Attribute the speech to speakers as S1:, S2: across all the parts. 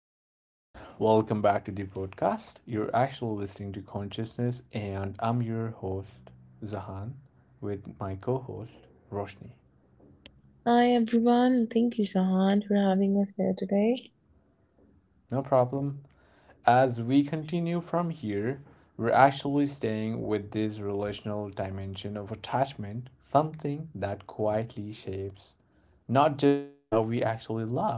S1: everyone. Welcome back to the podcast. You're actually listening to Consciousness, and I'm your host, Zahan, with my co host, Roshni.
S2: Hi everyone, thank you Sahan for having us here today.
S1: No problem. As we continue from here, we're actually staying with this relational dimension of attachment, something that quietly shapes not just how we actually love,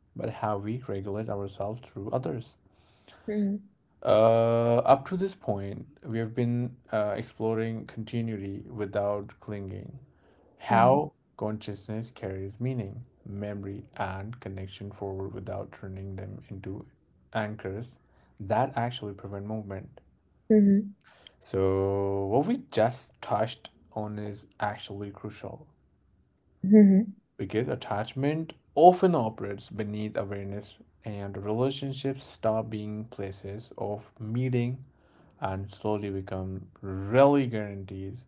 S1: but how we regulate ourselves through others.
S2: Mhm.
S1: Up to this point, we have been exploring continuity without clinging,
S2: Mhm.
S1: how consciousness carries meaning, memory, and connection forward without turning them into anchors that actually prevent movement. So, what we just touched on is actually crucial
S2: Mhm.
S1: because attachment often operates beneath awareness, and relationships stop being places of meeting and slowly become really guarantees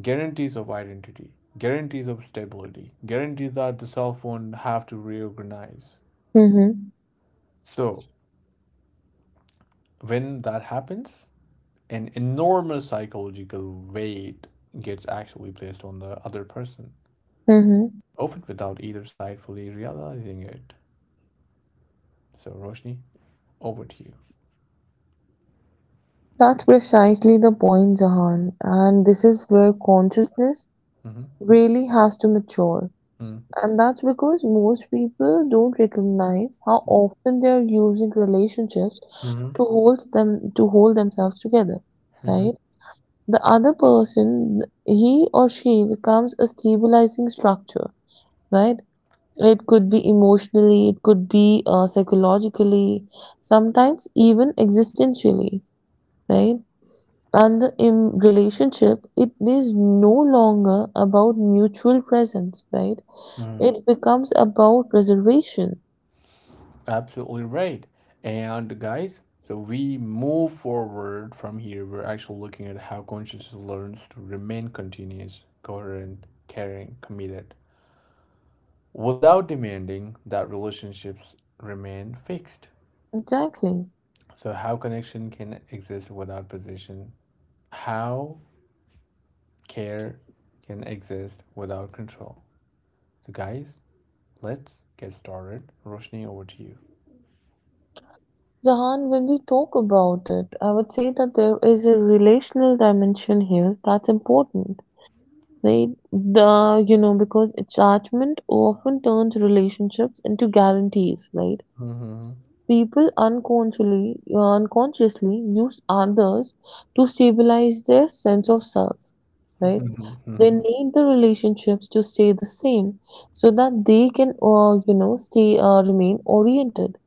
S1: guarantees of identity, guarantees of stability, guarantees that the self won't have to reorganize.
S2: Mhm.
S1: So, when that happens, an enormous psychological weight gets actually placed on the other person,
S2: Mhm.
S1: often without either side fully realizing it. So, Roshni, over to you.
S2: That's precisely the point, Zahan. And this is where consciousness
S1: Hmm.
S2: really has to mature. And that's because most people don't recognize how often they are using relationships
S1: Mm-hmm.
S2: to hold themselves together,
S1: Hmm.
S2: right? The other person, he or she becomes a stabilizing structure, right? It could be emotionally, it could be psychologically, sometimes even existentially, right? And the in relationship, it is no longer about mutual presence, right?
S1: Mm-hmm.
S2: It becomes about preservation.
S1: Absolutely right. And guys, so we move forward from here. We're actually looking at how consciousness learns to remain continuous, coherent, caring, committed, without demanding that relationships remain fixed.
S2: Exactly.
S1: So, how connection can exist without position? How care can exist without control? So, guys, let's get started. Roshni, over to you.
S2: Jahan, when we talk about it, I would say that there is a relational dimension here that's important. Right? The you know, because attachment often turns relationships into guarantees, right?
S1: Hmm.
S2: People unconsciously use others to stabilize their sense of self, right? They
S1: Hmm.
S2: need the relationships to stay the same so that they can, you know, stay remain oriented.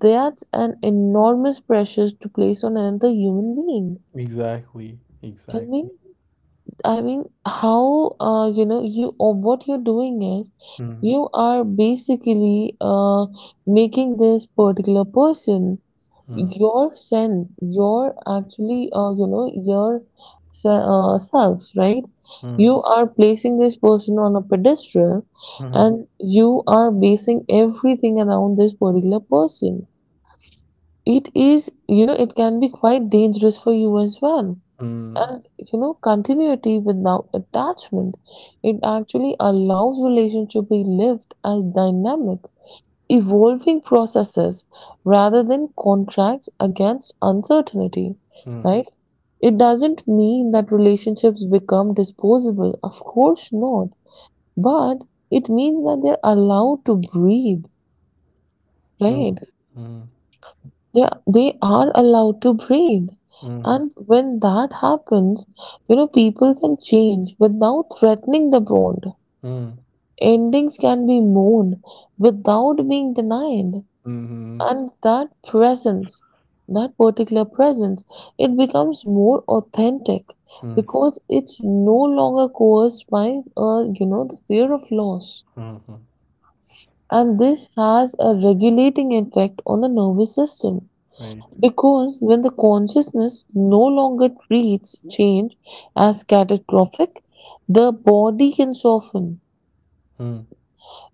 S2: That's an enormous pressure to place on another human being.
S1: Exactly.
S2: I mean,
S1: Exactly.
S2: I mean, how you know you or what you're doing is
S1: Mm.
S2: you are basically making this particular person
S1: Mm.
S2: you know, your self, right?
S1: Mm.
S2: You are placing this person on a pedestal
S1: Mhm.
S2: and you are basing everything around this particular person. It is, you know, it can be quite dangerous for you as well.
S1: Mm.
S2: And, you know, continuity without attachment, it actually allows relationship to be lived as dynamic evolving processes rather than contracts against uncertainty,
S1: Mm.
S2: right? It doesn't mean that relationships become disposable, of course not, but it means that they're allowed to breathe,
S1: Mm.
S2: right?
S1: Mm.
S2: They they are allowed to breathe.
S1: Mhm.
S2: And when that happens, you know, people can change without threatening the bond. Endings can be mourned without being denied.
S1: Mm. Mhm.
S2: And that presence, that particular presence, it becomes more authentic
S1: Mm.
S2: because it's no longer coerced by you know, the fear of loss,
S1: Mhm.
S2: and this has a regulating effect on the nervous system
S1: Right.
S2: because when the consciousness no longer treats change as catastrophic, the body can soften,
S1: Mm.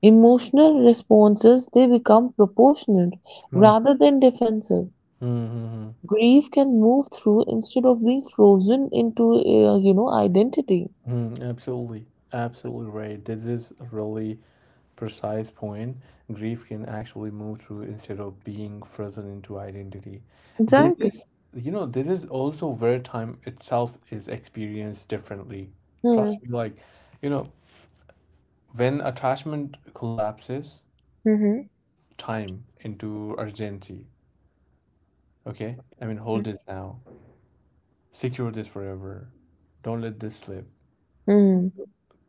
S2: emotional responses they become proportionate
S1: Mm.
S2: rather than defensive.
S1: Mm. Mhm.
S2: Grief can move through instead of being frozen into, you know, identity.
S1: Mm. Absolutely. Absolutely right. This is a really precise point. Grief can actually move through instead of being frozen into identity. This
S2: Exactly.
S1: is, this is also where time itself is experienced differently. Trust
S2: Hmm.
S1: me, like, you know, when attachment collapses,
S2: Mm,
S1: time into urgency. Okay? I mean,
S2: mhm,
S1: hold this now. Secure this forever. Don't let this slip.
S2: mm,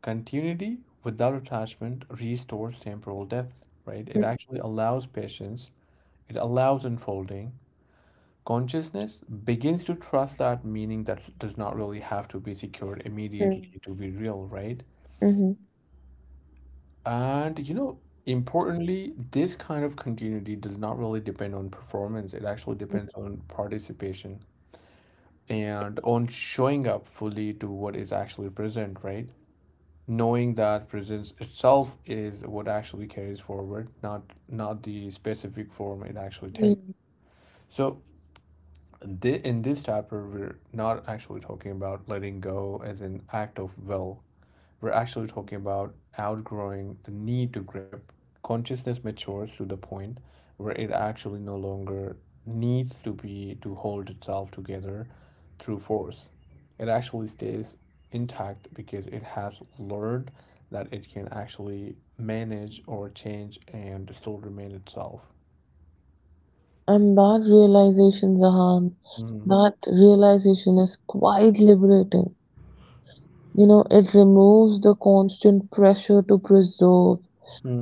S1: Continuity without attachment restores temporal depth, right? It actually allows patience, it allows unfolding. Consciousness begins to trust that meaning that does not really have to be secured
S2: mhm,
S1: immediately to be real, right?
S2: mhm,
S1: And importantly, this kind of continuity does not really depend on performance, it actually
S2: mhm,
S1: depends on participation and on showing up fully to what is actually present, right? Knowing that presence itself is what actually carries forward, not the specific form it actually takes.
S2: mhm.
S1: So, in this chapter, we're not actually talking about letting go as an act of will, we're actually talking about outgrowing the need to grip. Consciousness matures to the point where it actually no longer needs to be to hold itself together through force. It actually stays intact because it has learned that it can actually manage or change and still remain itself.
S2: And that realization, Zahan,
S1: Mm.
S2: that realization is quite liberating. You know, it removes the constant pressure to preserve,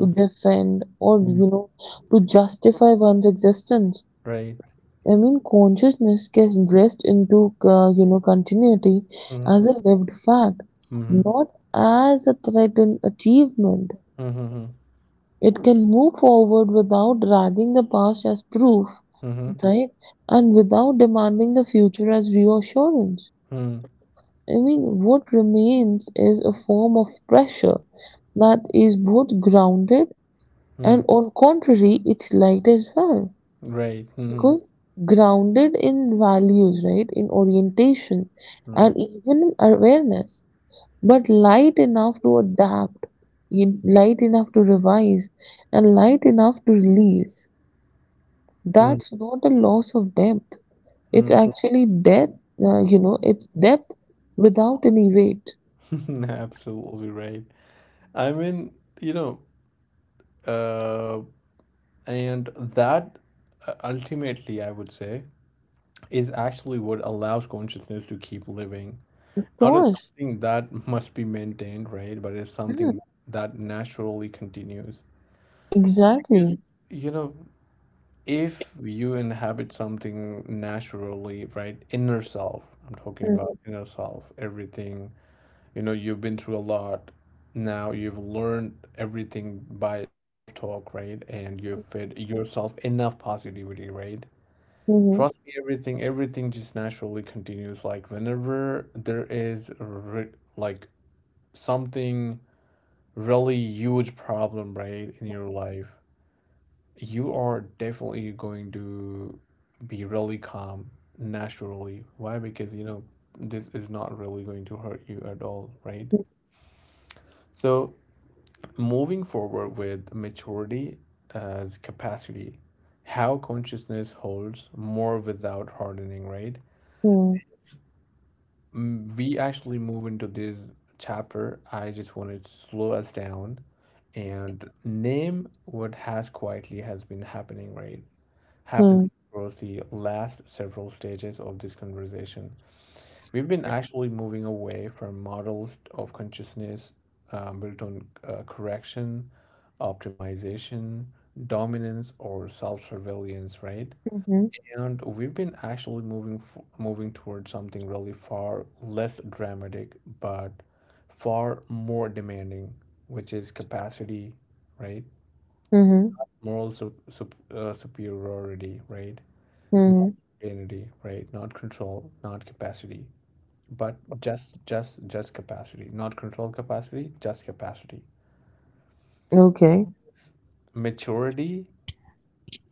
S2: to defend, or,
S1: Mm.
S2: you know, to justify one's existence.
S1: Right.
S2: I mean, consciousness gets dressed into, you know, continuity
S1: Mm.
S2: as a lived fact,
S1: Mm-hmm.
S2: not as a threatened achievement.
S1: Mm-hmm.
S2: It can move forward without dragging the past as proof,
S1: Mm-hmm.
S2: right? And without demanding the future as reassurance.
S1: Mm.
S2: I mean, what remains is a form of pressure that is both grounded and,
S1: Mm.
S2: on contrary, it's light as well.
S1: Right. Mm-hmm.
S2: Because grounded in values, right, in orientation
S1: Mm.
S2: and even in awareness, but light enough to adapt, light enough to revise, and light enough to release.
S1: Mm.
S2: That's not a loss of depth. It's
S1: Mm.
S2: actually depth, you know, it's depth without any weight.
S1: Absolutely right. I mean, you know, uh, and that ultimately, I would say, is actually what allows consciousness to keep living.
S2: Of
S1: Not as
S2: course.
S1: something that must be maintained, right? But it's
S2: Mm,
S1: something that naturally continues.
S2: exactly.
S1: Because, you know, if you inhabit something naturally, right, inner self, I'm talking
S2: Mm,
S1: about inner self, everything, you've been through a lot. Now you've learned everything by self-talk, right, and you've fed yourself enough positivity, right?
S2: mhm,
S1: Trust me, everything just naturally continues. Like, whenever there is like something really huge problem, right, in your life, you are definitely going to be really calm naturally. Why? Because, this is not really going to hurt you at all, right? So, moving forward with maturity as capacity, how consciousness holds more without hardening, right?
S2: mm,
S1: We actually move into this chapter. I just wanted to slow us down and name what has quietly has been happening, right? Happening
S2: mm,
S1: across the last several stages of this conversation. We've been actually moving away from models of consciousness built on correction, optimization, dominance, or self-surveillance, right?
S2: mhm,
S1: And we've been actually moving towards something really far less dramatic, but far more demanding, which is capacity, right?
S2: mhm,
S1: Moral superiority, right? Not
S2: mhm.
S1: identity, right? Not control, not capacity, but just capacity, not control, capacity, just capacity.
S2: Okay.
S1: S- Maturity,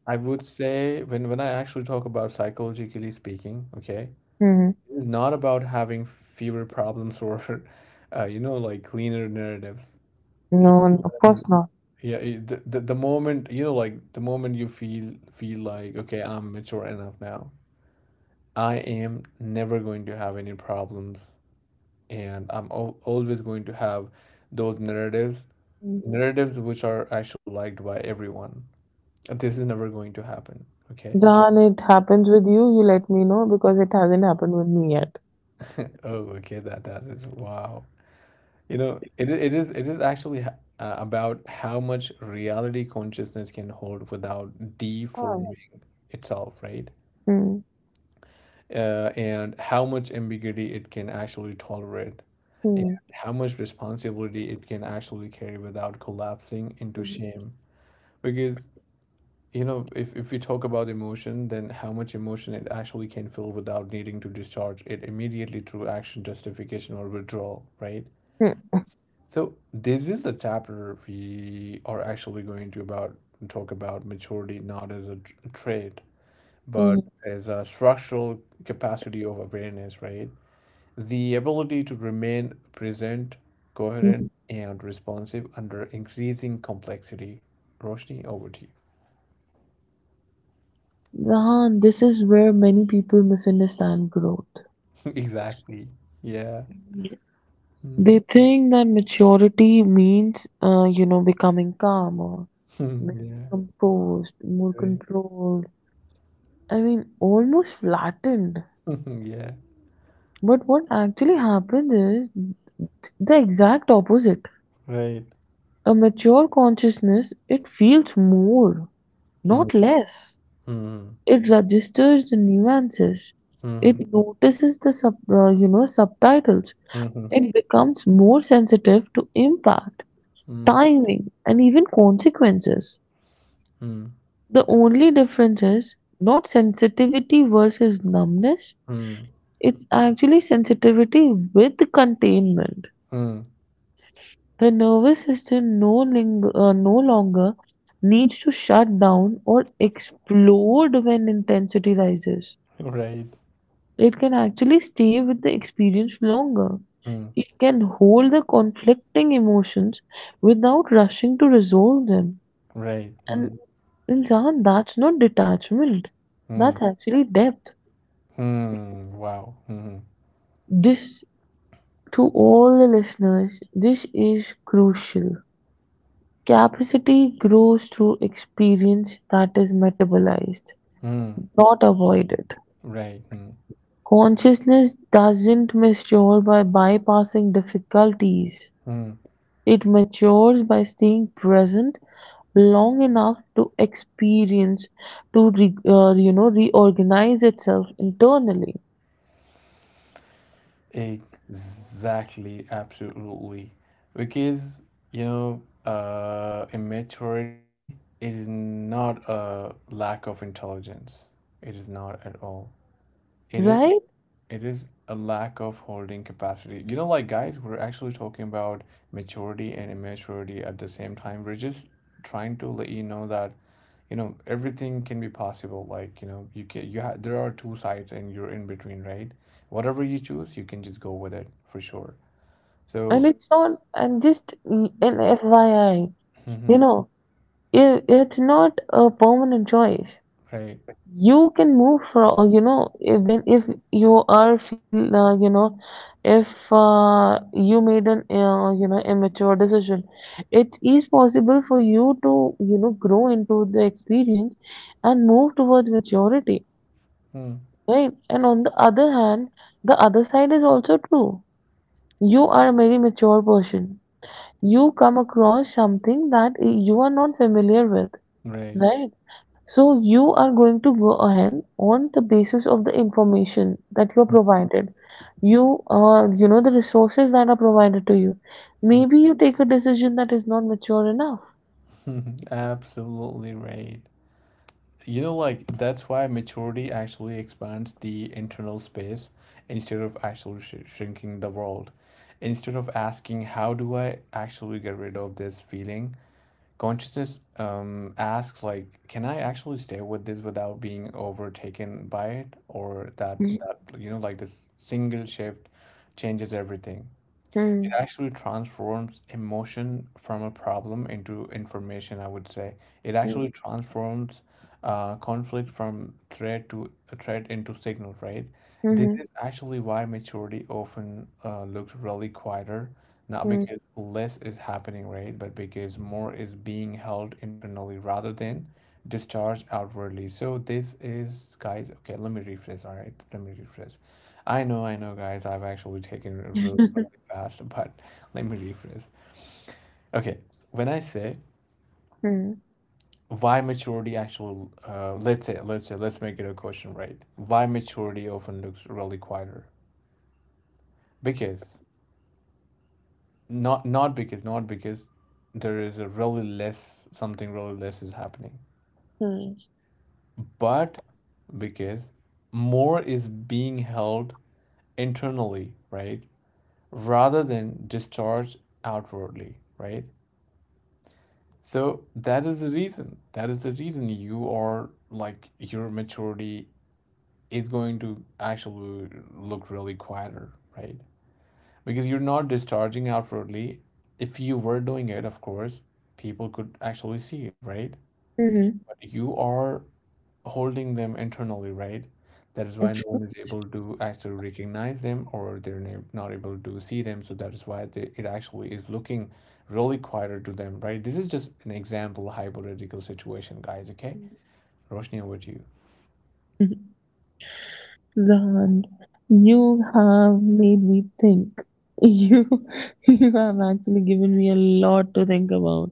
S1: I would say, when I actually talk about psychologically speaking, okay,
S2: Mhm.
S1: it is not about having fewer problems or you know, like cleaner narratives. You know,
S2: No, no,
S1: I
S2: of
S1: mean,
S2: course not.
S1: yeah, the, the moment, you know, like the moment you feel like, okay, I'm mature enough now, I am never going to have any problems, and I'm al always going to have those narratives
S2: Mm.
S1: narratives which are actually liked by everyone. This is never going to happen. Okay.
S2: Jahan, it happens with you, you let me know because it hasn't happened with me yet.
S1: Oh, okay. That is wow. You know, it is actually about how much reality consciousness can hold without
S2: Of
S1: deforming
S2: course.
S1: itself, right?
S2: Mm,
S1: And how much ambiguity it can actually tolerate, and
S2: mm,
S1: how much responsibility it can actually carry without collapsing into
S2: mhm,
S1: shame. Because, if, we talk about emotion, then how much emotion it actually can feel without needing to discharge it immediately through action, justification, or withdrawal, right?
S2: mm,
S1: So, this is the chapter we are actually going to about talk about maturity not as a trait, but
S2: mhm.
S1: as a structural capacity of awareness, right? The ability to remain present, coherent, and responsive under increasing complexity. Roshni, over to you.
S2: Zahan, this is where many people misunderstand growth.
S1: Exactly. Yeah. Mm.
S2: They think that maturity means, you know, becoming calmer, more
S1: Yeah.
S2: composed, more
S1: Right.
S2: controlled. I mean, almost flattened.
S1: Yeah.
S2: But what actually happens is the exact opposite.
S1: Right.
S2: A mature consciousness, it feels more,
S1: Mm.
S2: not less.
S1: Mm.
S2: It registers the nuances.
S1: Mm.
S2: It notices the you know, subtitles.
S1: Mhm.
S2: It becomes more sensitive to impact,
S1: Mm.
S2: timing, and even consequences.
S1: Mm.
S2: The only difference is not sensitivity versus numbness,
S1: Mm.
S2: it's actually sensitivity with containment.
S1: Mm.
S2: The nervous system no longer needs to shut down or explode when intensity rises.
S1: Right.
S2: It can actually stay with the experience longer.
S1: Mm.
S2: It can hold the conflicting emotions without rushing to resolve them.
S1: Right.
S2: And
S1: Mm.
S2: Insan, that's not detachment.
S1: Mm.
S2: That's actually depth.
S1: Mm. Wow. Mm.
S2: This, to all the listeners, this is crucial. Capacity grows through experience that is metabolized,
S1: Mm.
S2: not avoided.
S1: Right. Mm.
S2: Consciousness doesn't mature by bypassing difficulties.
S1: Mm.
S2: It matures by staying present long enough to experience, to you know, reorganize itself internally,
S1: Exactly. Absolutely. Because, you know, immaturity is not a lack of intelligence. It is not at all. It is
S2: right?
S1: It is a lack of holding capacity. You know, like, guys, we're actually talking about maturity and immaturity at the same time. We're just trying to let you know that, everything can be possible. Like, you know, you can you have there are two sides and you're in between, right? Whatever you choose, you can just go with it for sure.
S2: And
S1: So,
S2: it's not, and just an FYI, you know, it's not a permanent choice.
S1: right.
S2: You can move from you know, if you are feel you know, if you made an you know, immature decision, it is possible for you to, you know, grow into the experience and move towards maturity, right? And on the other hand, the other side is also true. You are a very mature person, you come across something that you are not familiar with,
S1: Right.
S2: right? So you are going to go ahead on the basis of the information that you are provided. You, you know, the resources that are provided to you. Maybe you take a decision that is not mature enough.
S1: Absolutely right. You know, like, that's why maturity actually expands the internal space instead of actually sh shrinking the world. Instead of asking, how do I actually get rid of this feeling? Consciousness asks, like, can I actually stay with this without being overtaken by it? Or like this single shift changes everything. It
S2: Mm-hmm.
S1: actually transforms emotion from a problem into information, I would say. It actually transforms conflict from threat to a threat into signal, right? This
S2: Mm-hmm.
S1: is actually why maturity often looks really quieter, not because less is happening, right? But because more is being held internally rather than discharged outwardly. So, this is, guys, okay, let me rephrase, all right? Let me rephrase. I know, guys, I've actually taken it really,
S2: Mm-hmm.
S1: really fast, but let me rephrase. Okay, when I say, why maturity actually, let's say, let's make it a question, right? Why maturity often looks really quieter? Because not because there is a really less, something really less is happening, but because more is being held internally, right, rather than discharged outwardly, right? So, that is the reason, that is the reason, you are like your maturity is going to actually look really quieter, right? Because you're not discharging outwardly. If you were doing it, of course, people could actually see it, right? You are holding them internally, right? That is why no one is able to actually recognize them, or they're not able to see them. So, that is why they, it actually is looking really quieter to them, right? This is just an example, hypothetical situation, guys, okay? Roshni, over to you.
S2: Mm-hmm. Zahan, you have made me think. You, you have actually given me a lot to think about.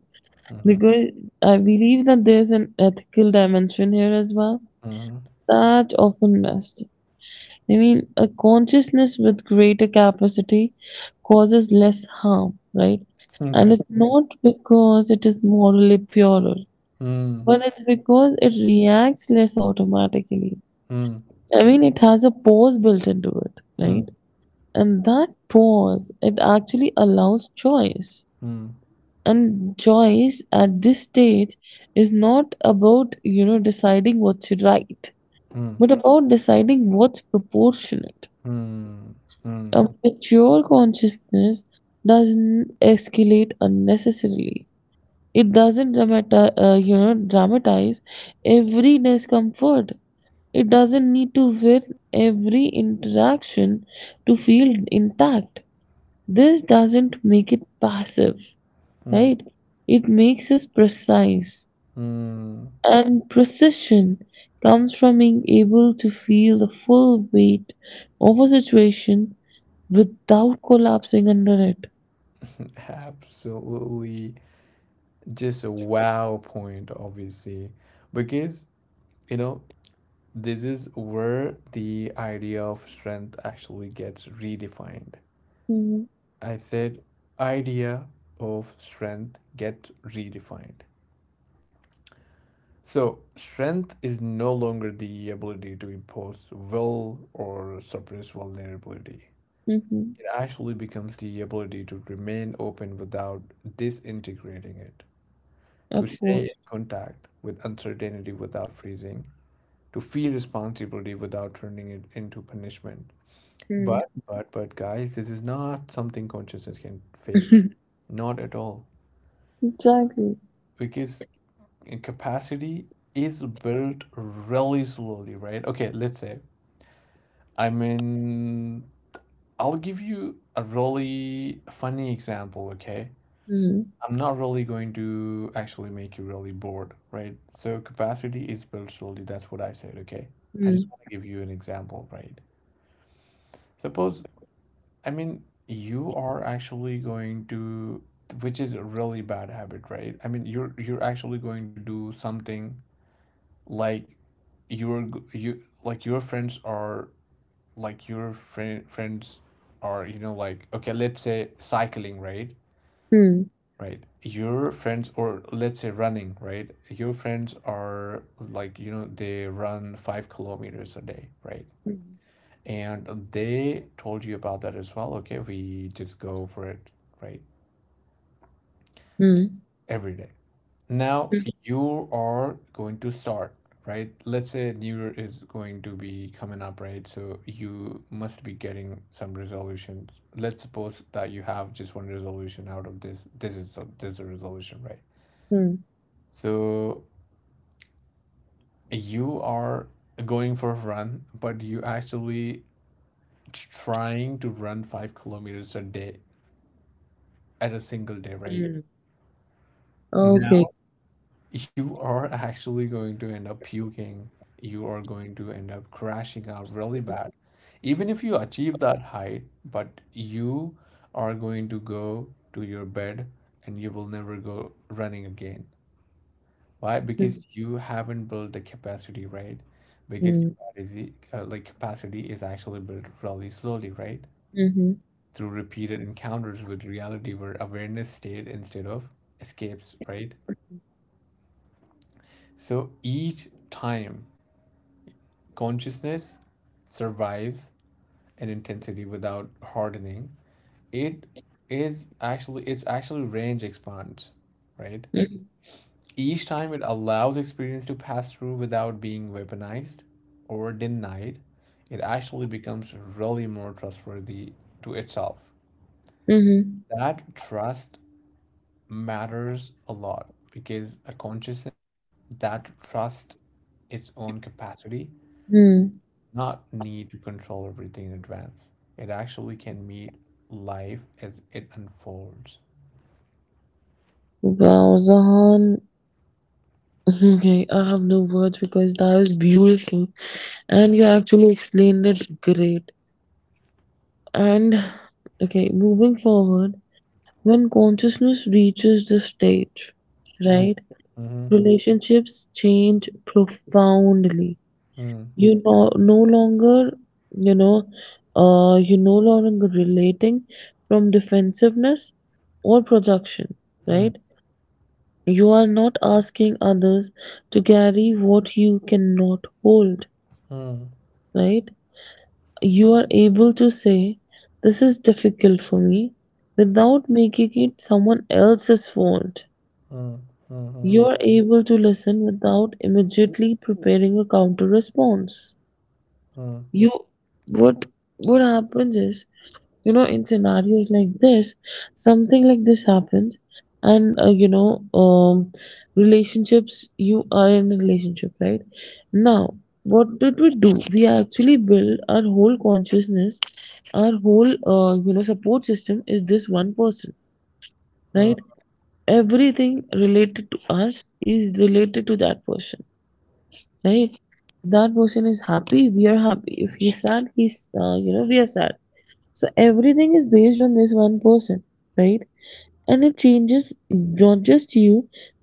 S1: Mm-hmm.
S2: Because I believe that there's an ethical dimension here as well
S1: Mm-hmm.
S2: that often missed. I mean, a consciousness with greater capacity causes less harm, right? And
S1: Yeah.
S2: it's not because it is morally purer,
S1: Mm.
S2: but it's because it reacts less automatically.
S1: Mm.
S2: I mean, it has a pause built into it,
S1: Mm.
S2: right? And that pause, it actually allows choice.
S1: Mm.
S2: And choice at this stage is not about, you know, deciding what's right,
S1: Mm.
S2: but about deciding what's proportionate.
S1: Mm. Mm.
S2: A mature consciousness doesn't escalate unnecessarily. It doesn't you know, dramatize every discomfort. It doesn't need to win every interaction to feel intact. This doesn't make it passive,
S1: Mm.
S2: right? It makes us precise.
S1: Mm.
S2: And precision comes from being able to feel the full weight of a situation without collapsing under it.
S1: Absolutely. Just a wow point, obviously, because, you know, this is where the idea of strength actually gets redefined.
S2: Mm,
S1: I said, idea of strength gets redefined. So, strength is no longer the ability to impose will or suppress vulnerability,
S2: mhm.
S1: it actually becomes the ability to remain open without disintegrating it, to
S2: Of
S1: stay in
S2: course.
S1: contact with uncertainty without freezing, to feel responsibility without turning it into punishment.
S2: Mm.
S1: But, guys, this is not something consciousness can fake. Not at all.
S2: Exactly.
S1: Because capacity is built really slowly, right? Okay, let's say, I mean, I'll give you a really funny example, okay?
S2: Hmm,
S1: I'm not really going to actually make you really bored, right? So, capacity is built slowly. That's what I said, okay? I
S2: hmm,
S1: just want to give you an example, right? Suppose, I mean, you are actually going to, which is a really bad habit, right? I mean, you're actually going to do something like, your you like your friends are like your friends are, you know, like, okay, let's say cycling, right?
S2: hmm,
S1: Right. Your friends, or let's say running, right? Your friends are like, you know, they run 5 kilometers a day, right? And they told you about that as well. Okay, we just go for it, right?
S2: mm,
S1: Every day. Now
S2: hmm,
S1: you are going to start, right? Let's say New Year is going to be coming up, right? So you must be getting some resolutions. Let's suppose that you have just one resolution out of this. This is a resolution, right?
S2: mm,
S1: So you are going for a run, but you actually trying to run 5 kilometers a day at a single day, right?
S2: hmm. Okay.
S1: You are actually going to end up puking. You are going to end up crashing out really bad. Even if you achieve that height, but you are going to go to your bed and you will never go running again. Why?
S2: Mm.
S1: Because you haven't built the capacity, right? Because
S2: Hmm,
S1: capacity is actually built really slowly, right?
S2: mhm,
S1: Through repeated encounters with reality where awareness stayed instead of escapes, right? So each time consciousness survives an intensity without hardening it is actually its actual range expands, right?
S2: mhm,
S1: Each time it allows experience to pass through without being weaponized or denied, it actually becomes really more trustworthy to itself.
S2: mhm,
S1: That trust matters a lot because a consciousness that trusts its own capacity
S2: hmm.
S1: not need to control everything in advance. It actually can meet life as it unfolds.
S2: Wow, Zahan. Okay, I have no words because that is beautiful. And you actually explained it great. And okay, moving forward, when consciousness reaches this stage,
S1: Hmm.
S2: right,
S1: Hmm.
S2: relationships change profoundly.
S1: Hmm.
S2: You no longer, you know, you no longer relating from defensiveness or projection,
S1: Hmm.
S2: right? You are not asking others to carry what you cannot hold,
S1: Hmm.
S2: right? You are able to say, this is difficult for me, without making it someone else's fault.
S1: Hmm. Hmm.
S2: You
S1: Hmm.
S2: are able to listen without immediately preparing a counter response.
S1: Hmm.
S2: You what what happens is, you know, in scenarios like this, something like this happens, and you know, relationships. You are in a relationship, right? Now, what did we do? We actually build our whole consciousness, our whole you know, support system is this one person,
S1: Hmm.
S2: right?
S1: Hmm.
S2: Everything related to us is related to that person, right? That person is happy, we are happy. If he's sad, he's you know, we are sad. So everything is based on this one person, right? And it changes not just you,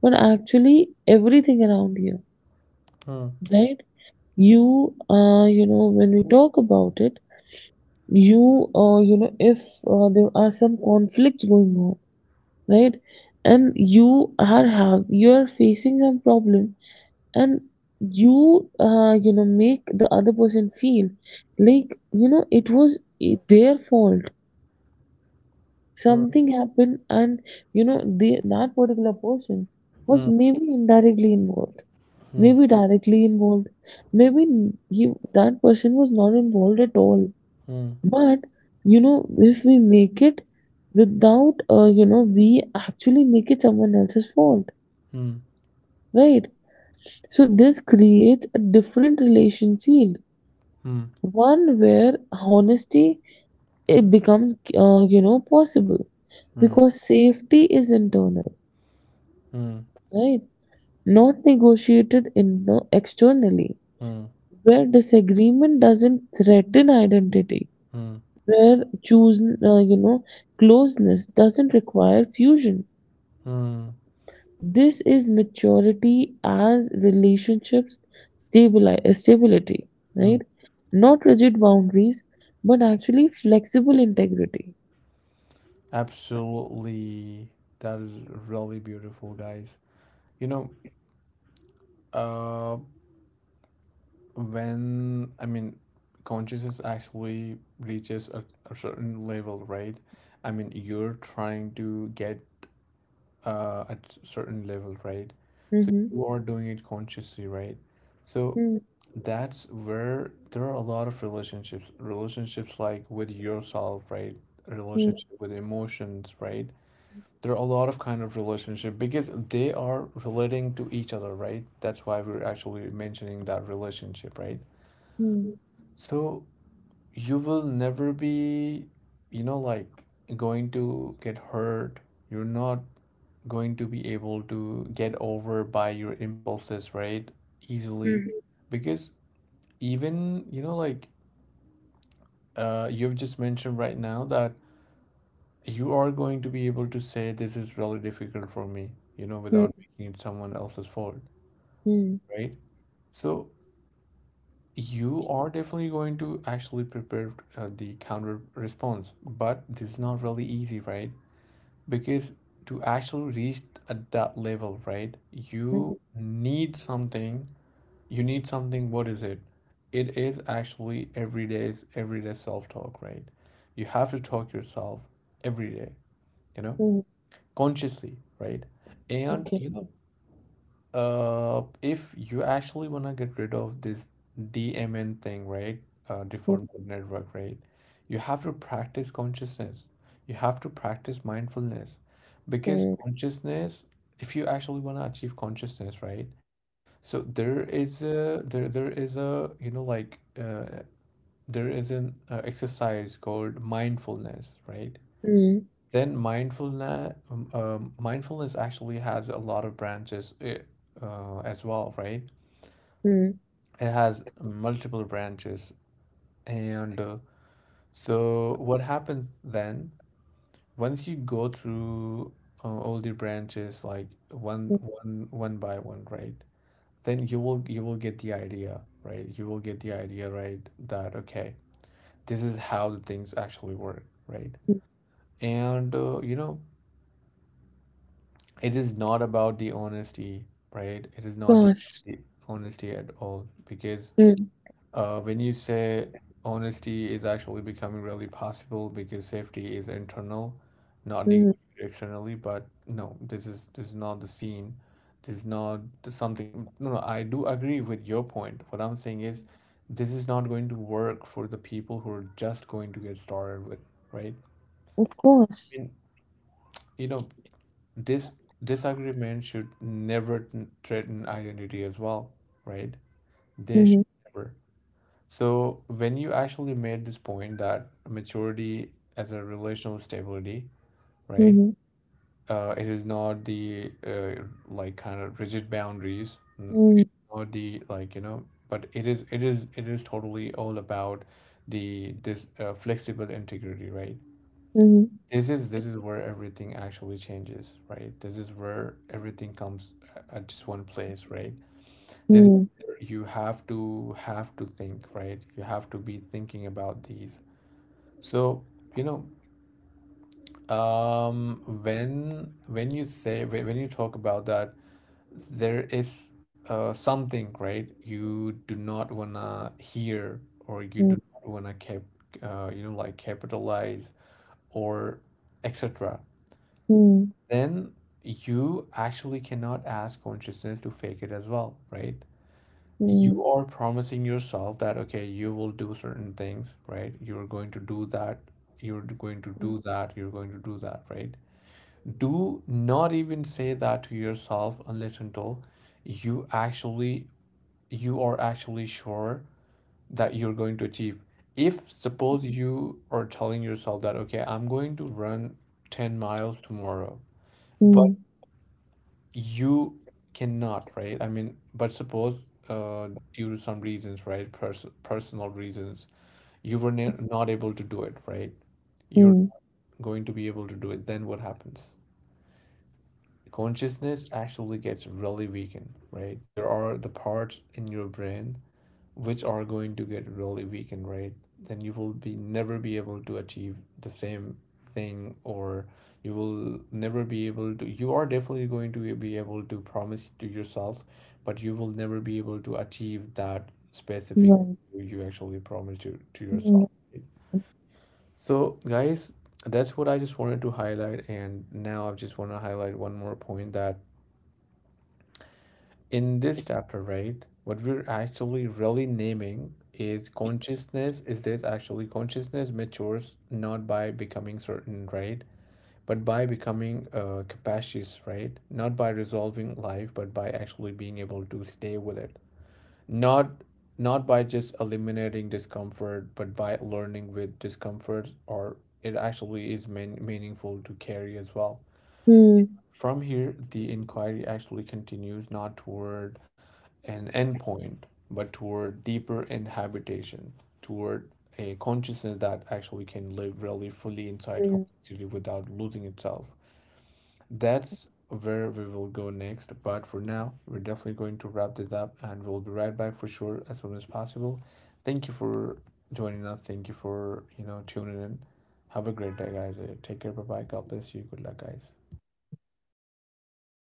S2: but actually everything around you,
S1: Hmm. Hmm.
S2: right? You you know, when we talk about it, you you know, if there are some conflicts going on, right? And you are have you are facing some problem, and you you know, make the other person feel like, you know, it was their fault.
S1: Hmm. Hmm. Hmm. Hmm. Hmm.
S2: Something happened, and you know they, that particular person
S1: Hmm.
S2: was maybe indirectly involved, maybe directly involved, maybe he that person was not involved at all. But you know, if we make it without you know, we actually make it someone else's fault, right? So this creates a different relation field, one where honesty it becomes you know, possible because safety is internal, right? Not negotiated in externally,
S1: Hmm.
S2: where disagreement doesn't threaten identity,
S1: Hmm.
S2: where choose you know, closeness doesn't require fusion.
S1: Hmm.
S2: This is maturity as relationships stabilize stability,
S1: Hmm.
S2: right? Not rigid boundaries, but actually flexible integrity.
S1: Absolutely. That is really beautiful, guys. You know, uh, when I mean consciousness actually reaches a certain level, right? I mean you're trying to get at certain level, right? So
S2: Mhm.
S1: you are doing it consciously, right? So
S2: Mm,
S1: that's where there are a lot of relationships like with yourself, right?
S2: mm,
S1: Relationship with emotions, right? There are a lot of kind of relationship because they are relating to each other, right? That's why we're actually mentioning that relationship, right?
S2: mm,
S1: So you will never be, you know, like going to get hurt. You're not going to be able to get over by your impulses, right? Easily.
S2: mm,
S1: Because even, you know, like you've just mentioned right now that you are going to be able to say, this is really difficult for me, without
S2: mm,
S1: making it someone else's fault,
S2: mm,
S1: right? So you are definitely going to actually prepare the counter response, but this is not really easy, right? Because to actually reach at that level, right,
S2: mm,
S1: you need something. You need something. What is it? It is actually everyday self-talk, right? You have to talk yourself every day, you know,
S2: mm,
S1: consciously, right? And
S2: okay.
S1: if you actually want to get rid of this DMN thing, right?
S2: Mm,
S1: Default mode network, right? You have to practice consciousness. You have to practice mindfulness because
S2: mm,
S1: consciousness, if you actually want to achieve consciousness, right? So there is a there there is a you know like there is an exercise called mindfulness, right? Then mindfulness actually has a lot of branches as well, right?
S2: mm, mm,
S1: It has multiple branches, and so what happens then? Once you go through all the branches, like one by one, right? Then you will get the idea, right? You will get the idea, right? That okay, this is how the things actually work, right?
S2: mm.
S1: And it is not about the honesty, right? It is
S2: Of
S1: not the,
S2: course.
S1: the honesty at all because
S2: Mm,
S1: when you say honesty is actually becoming really possible because safety is internal, not
S2: mm,
S1: negotiated externally. But no, this is not the scene. This is not the something. No, no, I do agree with your point. What I'm saying is, this is not going to work for the people who are just going to get started with, right?
S2: of course.
S1: I mean, you know, this disagreement should never threaten identity as well, right? They
S2: 嗯
S1: should never. So when you actually made this point that maturity as a relational stability, right?
S2: 嗯
S1: It is not the like kind of rigid boundaries, n-
S2: 嗯
S1: or the like you know, but it is totally all about the this flexible integrity, right?
S2: 嗯
S1: This is where everything actually changes, right? This is where everything comes at just one place, right? This is
S2: 嗯
S1: where you have to think, right? You have to be thinking about these. So, you know, when you say when you talk about that, there is something, right? You do not wanna hear or you
S2: 嗯
S1: do not wanna cap, capitalize or etc.
S2: 嗯嗯
S1: Then you actually cannot ask consciousness to fake it as well, right?
S2: 嗯
S1: You are promising yourself that, okay, you will do certain things, right? You're going to do that. You're going to do that. You're going to do that, right? Do not even say that to yourself unless until you actually you are actually sure that you're going to achieve. If suppose you are telling yourself that, okay, I'm going to run 10 miles tomorrow but
S2: 嗯
S1: you cannot, right? I mean, but suppose due to some reasons, right, personal reasons, you were ne not able to do it, right? You're
S2: 嗯嗯嗯，
S1: going to be able to do it. Then what happens? Consciousness actually gets really weakened, right? There are the parts in your brain which are going to get really weakened, right? Then you will be never be able to achieve the same thing, or you will never be able to, you are definitely going to be able to promise to yourself, but you will never be able to achieve that specific
S2: 对，
S1: thing you actually promised to
S2: 嗯。
S1: yourself, right? So guys, that's what I just wanted to highlight, and now I just want to highlight one more point that in this chapter, right, what we're actually really naming is consciousness. Is this actually consciousness matures not by becoming certain, right? But by becoming capacious, right? Not by resolving life, but by actually being able to stay with it. Not not by just eliminating discomfort, but by learning with discomfort, or it actually meaningful to carry as well.
S2: 嗯，
S1: From here, the inquiry actually continues not toward an endpoint, but toward deeper inhabitation, toward a consciousness that actually can live really fully inside
S2: 嗯
S1: complexity without losing itself. That's where we will go next. But for now, we're definitely going to wrap this up and we'll be right back for sure as soon as possible. Thank you for joining us. Thank you for, you know, tuning in. Have a great day, guys. Take care. Bye bye. God bless you. Good luck, guys.